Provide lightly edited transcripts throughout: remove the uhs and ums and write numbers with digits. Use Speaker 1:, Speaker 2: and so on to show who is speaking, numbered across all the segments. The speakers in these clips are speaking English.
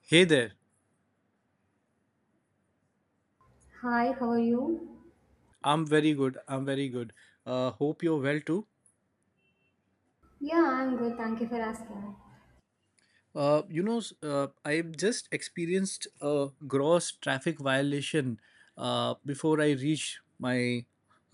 Speaker 1: Hey there.
Speaker 2: Hi, how are you?
Speaker 1: I'm very good. I'm very good. Hope you're well too.
Speaker 2: Yeah, I'm good. Thank you for asking.
Speaker 1: I've just experienced a gross traffic violation before I reached my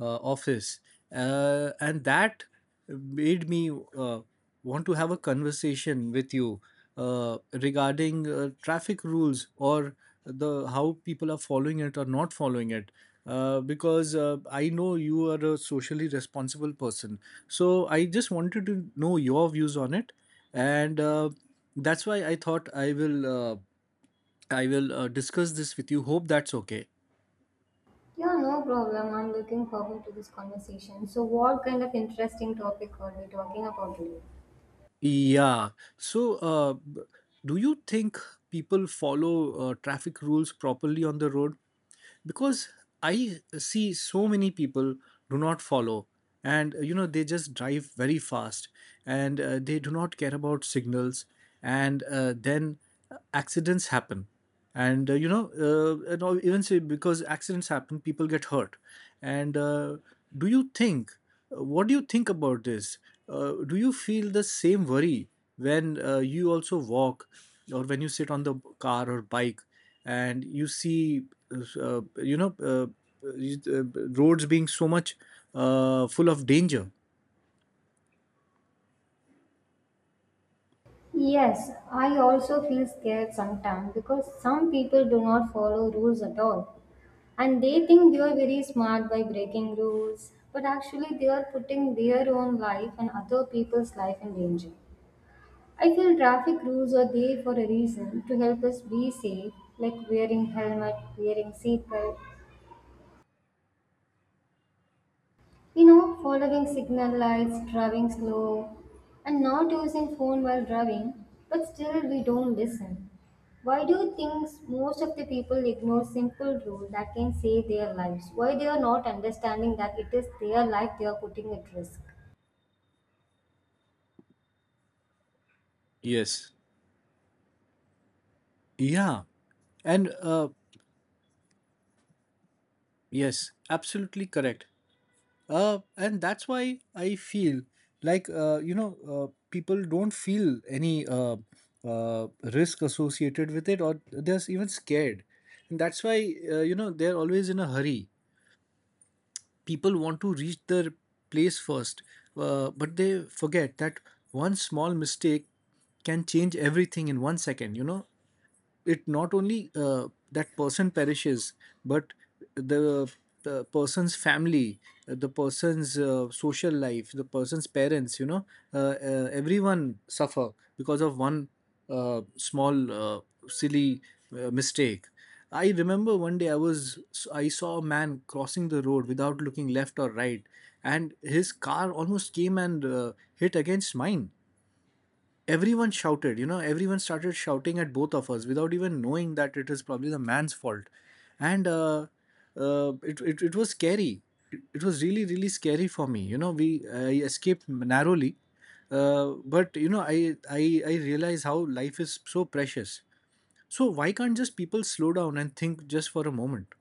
Speaker 1: office, and that made me uh, want to have a conversation with you regarding traffic rules or the how people are following it or not following it. Because I know you are a socially responsible person, so I just wanted to know your views on it, and. That's why I thought I will discuss this with you. Hope that's okay.
Speaker 2: Yeah, no problem. I'm looking forward to this conversation. So, what kind of interesting topic are we talking about today?
Speaker 1: Yeah. So, do you think people follow traffic rules properly on the road? Because I see so many people do not follow, and you know, they just drive very fast, and they do not care about signals, and then accidents happen. And you know and all- even say because accidents happen people get hurt and do you think what do you think about this? Do you feel the same worry when you also walk or when you sit on the car or bike and you see uh, you know uh, you- uh, roads being so much full of danger?
Speaker 2: Yes, I also feel scared sometimes because some people do not follow rules at all. And they think they are very smart by breaking rules, but actually, they are putting their own life and other people's life in danger. I feel traffic rules are there for a reason to help us be safe, like wearing helmet, wearing seatbelt, you know, following signal lights, driving slow, and not using phone while driving, but still we don't listen. Why do you think most of the people ignore simple rule that can save their lives? Why they are not understanding that it is their life they are putting at risk?
Speaker 1: Yes. yeah and uh, yes, absolutely correct. And that's why I feel like people don't feel any uh, risk associated with it, or they're even scared. And that's why you know, they're always in a hurry. People want to reach their place first, but they forget that one small mistake can change everything in one second. You know, it not only that person perishes but the, the person's family, the person's social life, the person's parents, you know, everyone suffer because of one small silly mistake. I remember one day I was I saw a man crossing the road without looking left or right and his car almost came and hit against mine. Everyone shouted, you know, everyone started shouting at both of us without even knowing that it is probably the man's fault. And it was scary. It was really, really scary for me. You know, we I escaped narrowly. But, you know, I realize how life is so precious. So why can't just people slow down and think just for a moment?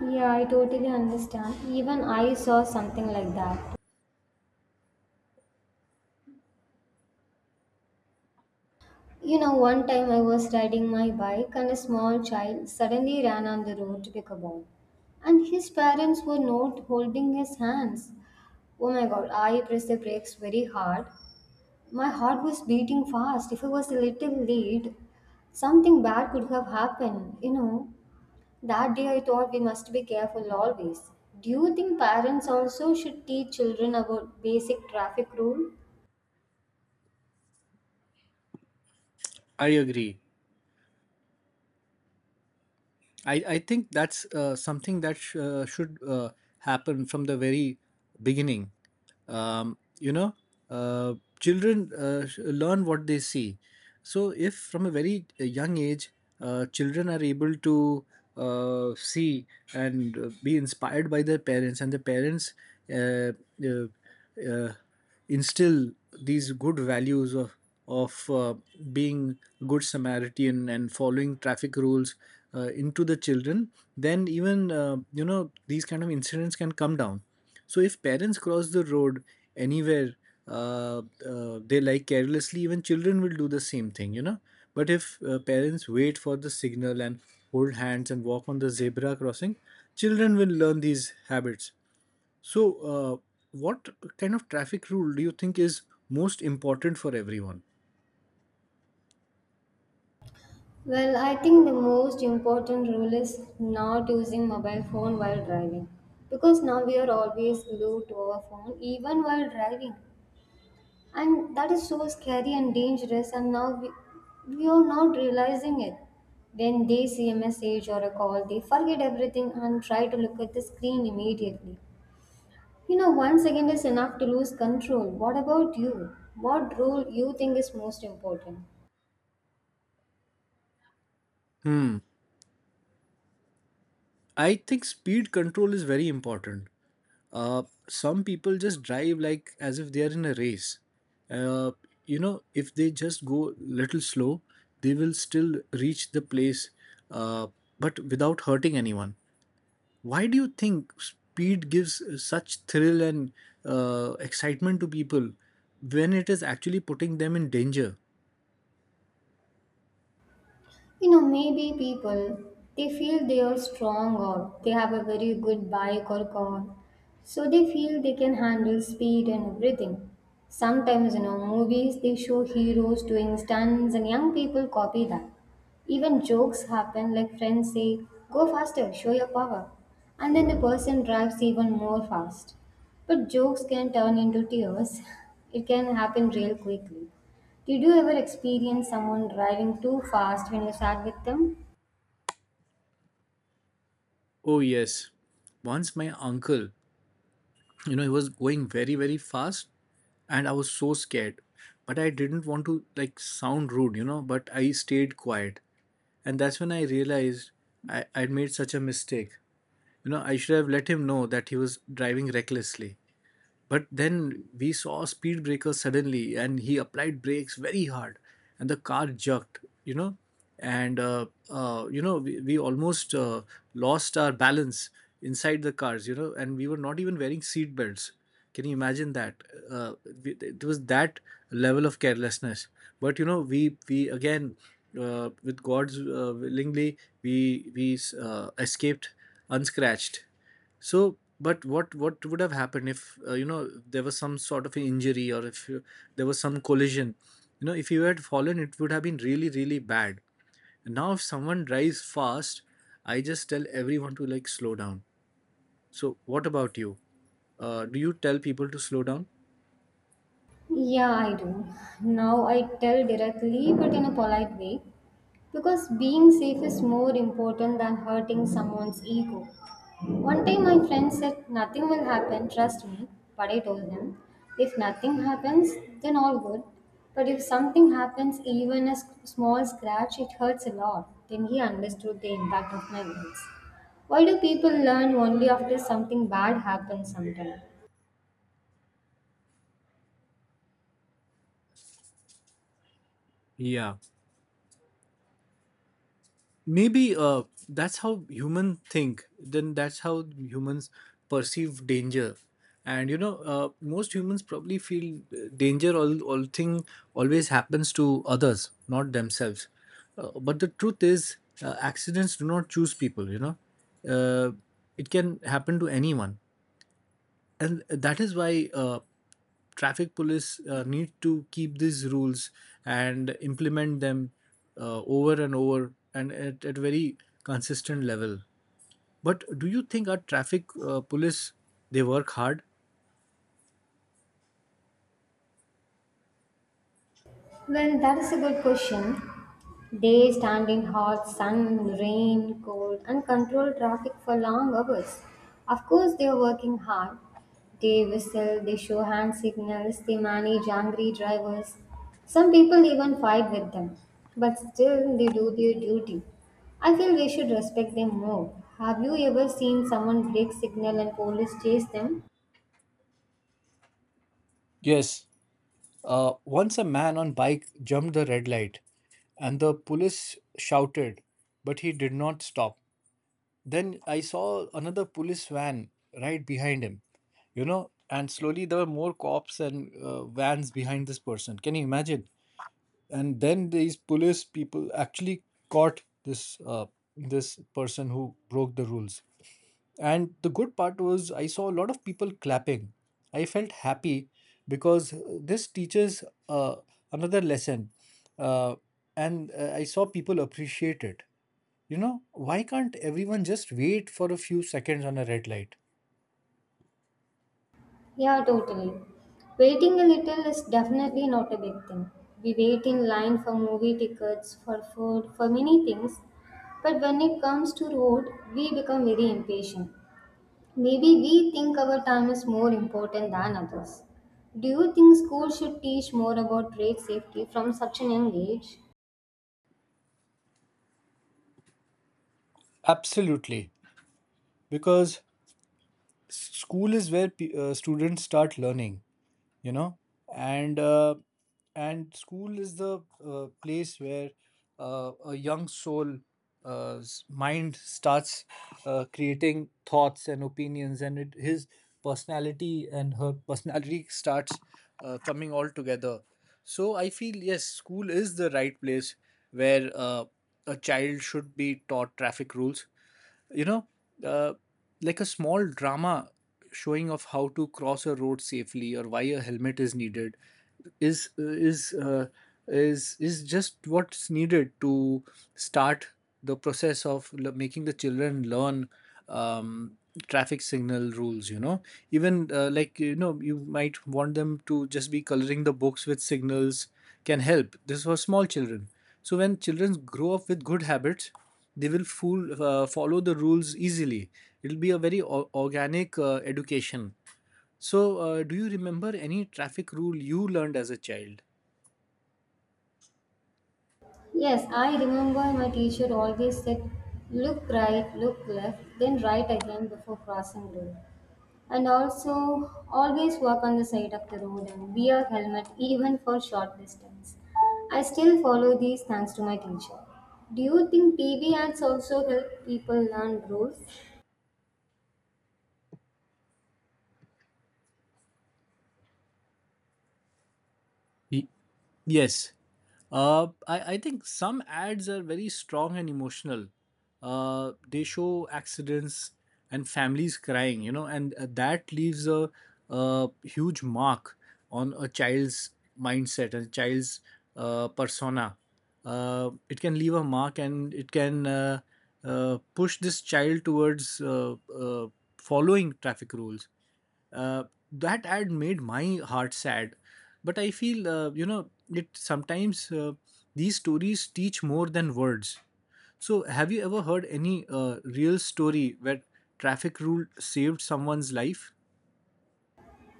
Speaker 2: Yeah, I totally understand. Even I saw something like that. You know, one time I was riding my bike and a small child suddenly ran on the road to pick a ball. And his parents were not holding his hands. Oh my god, I pressed the brakes very hard. My heart was beating fast. If I was a little late, something bad could have happened. You know, that day I thought we must be careful always. Do you think parents also should teach children about basic traffic rule?
Speaker 1: I agree. I think that's something that should happen from the very beginning. You know, children learn what they see. So, if from a very young age, children are able to see and be inspired by their parents, and the parents uh, uh, uh, instill these good values of of uh, being good Samaritan and following traffic rules into the children, then even you know, these kind of incidents can come down. So if parents cross the road anywhere uh, they like carelessly, even children will do the same thing, you know. But if parents wait for the signal and hold hands and walk on the zebra crossing, children will learn these habits. So, what kind of traffic rule do you think is most important for everyone?
Speaker 2: Well, I think the most important rule is not using mobile phone while driving because now we are always glued to our phone even while driving and that is so scary and dangerous and now we are not realizing it. When they see a message or a call, they forget everything and try to look at the screen immediately. You know, 1 second is enough to lose control. What about you? What rule you think is most important?
Speaker 1: Hmm. I think speed control is very important. Some people just drive like as if they are in a race. Uh, you know, if they just go little slow, they will still reach the place, uh, but without hurting anyone. Why do you think speed gives such thrill and excitement to people when it is actually putting them in danger?
Speaker 2: You know, maybe people they feel they are strong or they have a very good bike or car, so they feel they can handle speed and everything. Sometimes, you know, movies they show heroes doing stunts and young people copy that. Even jokes happen like friends say, "Go faster, show your power." And then the person drives even more fast. But jokes can turn into tears. It can happen real quickly. Did you ever experience someone driving too fast when you sat with them?
Speaker 1: Oh, yes. Once my uncle, you know, he was going very, very fast and I was so scared. But I didn't want to like sound rude, you know, but I stayed quiet. And that's when I realized I'd made such a mistake. You know, I should have let him know that he was driving recklessly. But then we saw a speed breaker suddenly, and he applied brakes very hard, and the car jerked, you know. And, you know, we almost lost our balance inside the cars, you know, and we were not even wearing seat belts. Can you imagine that? Uh, it was that level of carelessness. But, you know, we again, with God's willingly, we escaped unscratched. So, but what would have happened if you know, there was some sort of injury or if you, there was some collision? You know, if you had fallen, it would have been really really bad. Now, if someone drives fast, I just tell everyone to like slow down. So, what about you? Do you tell people to slow down?
Speaker 2: Yeah, I do. Now I tell directly but in a polite way because being safe is more important than hurting someone's ego. One time my friend said, "Nothing will happen, trust me." But I told him, if nothing happens, then all good. But if something happens, even a small scratch, it hurts a lot. Then he understood the impact of my words. Why do people learn only after something bad happens sometimes?
Speaker 1: Yeah. Maybe that's how humans think, then that's how humans perceive danger. And you know, most humans probably feel danger all thing always happens to others, not themselves. But the truth is accidents do not choose people, you know. uh, it can happen to anyone, and that is why traffic police need to keep these rules and implement them over and over and at very consistent level. But do you think our traffic police, they work hard?
Speaker 2: Well, that is a good question. They stand in hot sun, rain, cold, and controlled traffic for long hours. Of course, they are working hard. They whistle, they show hand signals, they manage angry drivers. Some people even fight with them. But still, they do their duty. I feel we should respect them more. Have you ever seen someone break signal and police chase them?
Speaker 1: Yes, once a man on bike jumped the red light, and the police shouted, but he did not stop. Then I saw another police van right behind him, you know, and slowly there were more cops and vans behind this person. Can you imagine? And then these police people actually caught this person who broke the rules. And the good part was I saw a lot of people clapping. I felt happy because this teaches uh, another lesson, uh, and I saw people appreciate it. You know, why can't everyone just wait for a few seconds on a red light?
Speaker 2: Yeah, totally. Waiting a little is definitely not a big thing. We wait in line for movie tickets, for food, for many things. But when it comes to road, we become very impatient. Maybe we think our time is more important than others. Do you think school should teach more about road safety from such an young age?
Speaker 1: Absolutely. Because school is where students start learning. You know, and and school is the place where a young mind starts creating thoughts and opinions, and his personality and her personality starts coming all together. So I feel yes, school is the right place where a child should be taught traffic rules, you know, uh, like a small drama showing of how to cross a road safely or why a helmet is needed is is uh, is just what's needed to start the process of making the children learn um, traffic signal rules, you know. Even like, you know, you might want them to just be coloring the books with signals. Can help. This is for small children. So when children grow up with good habits, they will follow the rules easily. It will be a very organic education. So, do you remember any traffic rule you learned as a child?
Speaker 2: Yes, I remember my teacher always said, look right, look left, then right again before crossing road. And also, always walk on the side of the road and wear helmet even for short distance. I still follow these thanks to my teacher. Do you think TV ads also help people learn rules?
Speaker 1: Yes. I think some ads are very strong and emotional. They show accidents and families crying, you know, and that leaves a huge mark on a child's mindset and child's persona. It can leave a mark, and it can push this child towards following traffic rules. Uh, that ad made my heart sad, but I feel you know, it sometimes, these stories teach more than words. So, have you ever heard any real story where traffic rule saved someone's life?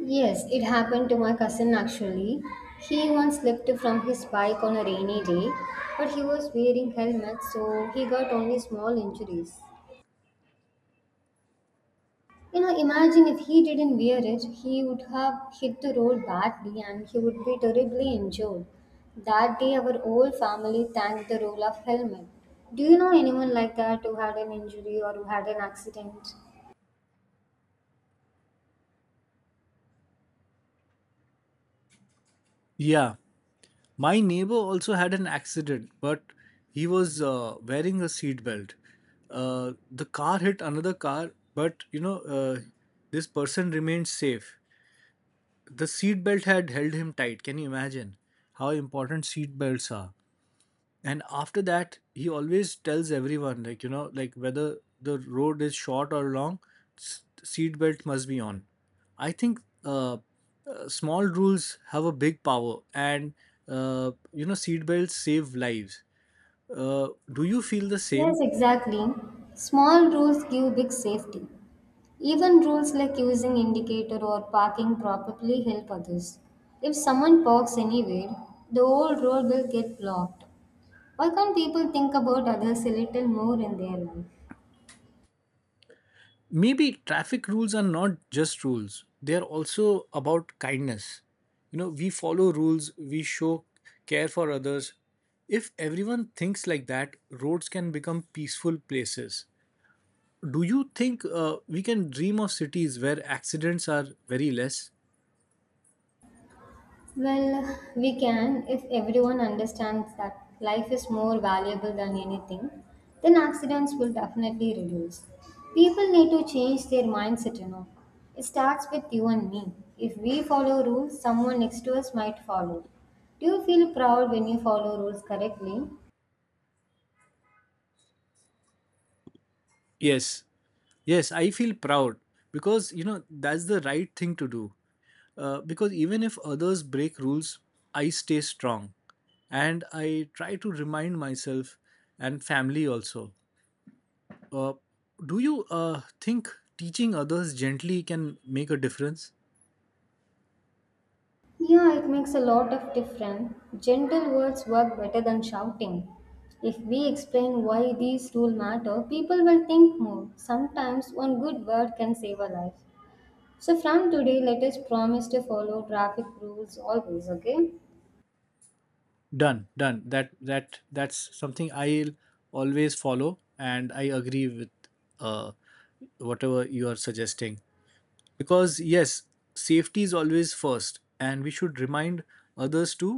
Speaker 2: Yes, it happened to my cousin actually. He once slipped from his bike on a rainy day, but he was wearing helmet so he got only small injuries. You know, imagine if he didn't wear it, he would have hit the road badly and he would be terribly injured. That day, our whole family thanked the role of helmet. Do you know anyone like that who had an injury or who had an accident?
Speaker 1: Yeah, my neighbor also had an accident, but he was wearing a seatbelt. The car hit another car, but you know, this person remained safe. The seat belt had held him tight. Can you imagine how important seat belts are? And after that, he always tells everyone, like, you know, like whether the road is short or long, seat belt must be on. I think small rules have a big power, and you know, seat belts save lives. Do you feel the
Speaker 2: Yes,
Speaker 1: same?
Speaker 2: exactly. Small rules give big safety. Even rules like using indicator or parking properly help others. If someone parks anywhere, the whole road will get blocked. Why can't people think about others a little more in their life?
Speaker 1: Maybe traffic rules are not just rules, they are also about kindness. You know, we follow rules, we show care for others. If everyone thinks like that, roads can become peaceful places. Do you think we can dream of cities where accidents are very less?
Speaker 2: Well, we can if everyone understands that life is more valuable than anything, then accidents will definitely reduce. People need to change their mindset, you know. It starts with you and me. If we follow rules, someone next to us might follow. Do you feel proud when you follow rules correctly?
Speaker 1: Yes. Yes, I feel proud because you know that's the right thing to do. Because even if others break rules, I stay strong and I try to remind myself and family also. Uh, do you think teaching others gently can make a difference?
Speaker 2: Yeah, it makes a lot of difference. Gentle words work better than shouting. If we explain why these rules matter, people will think more. Sometimes one good word can save a life. So from today, let us promise to follow traffic rules always, okay?
Speaker 1: Done, done. That's something I'll always follow, and I agree with uh, whatever you are suggesting. Because yes, safety is always first and we should remind others too,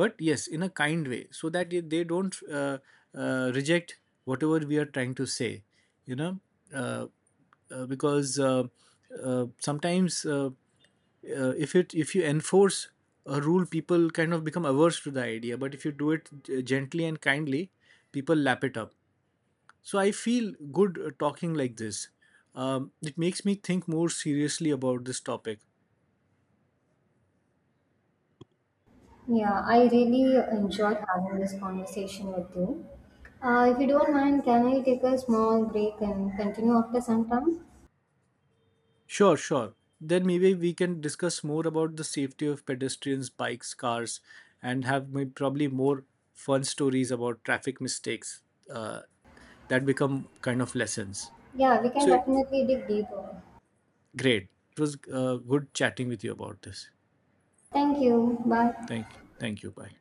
Speaker 1: but yes, in a kind way so that they don't reject whatever we are trying to say, you know. Uh, because sometimes If it if you enforce a rule, people kind of become averse to the idea, but if you do it gently and kindly, people lap it up. So I feel good talking like this. It makes me think more seriously about this topic.
Speaker 2: Yeah, I really enjoyed having this conversation with you. If you don't mind, can I take a small break and continue after some time?
Speaker 1: Sure, sure. Then maybe we can discuss more about the safety of pedestrians, bikes, cars, and have probably more fun stories about traffic mistakes uh, that become kind of lessons.
Speaker 2: Yeah, we can
Speaker 1: So
Speaker 2: definitely dig deeper.
Speaker 1: great. It was good chatting with you about this.
Speaker 2: Thank you. Bye.
Speaker 1: Thank you. Thank you. Bye.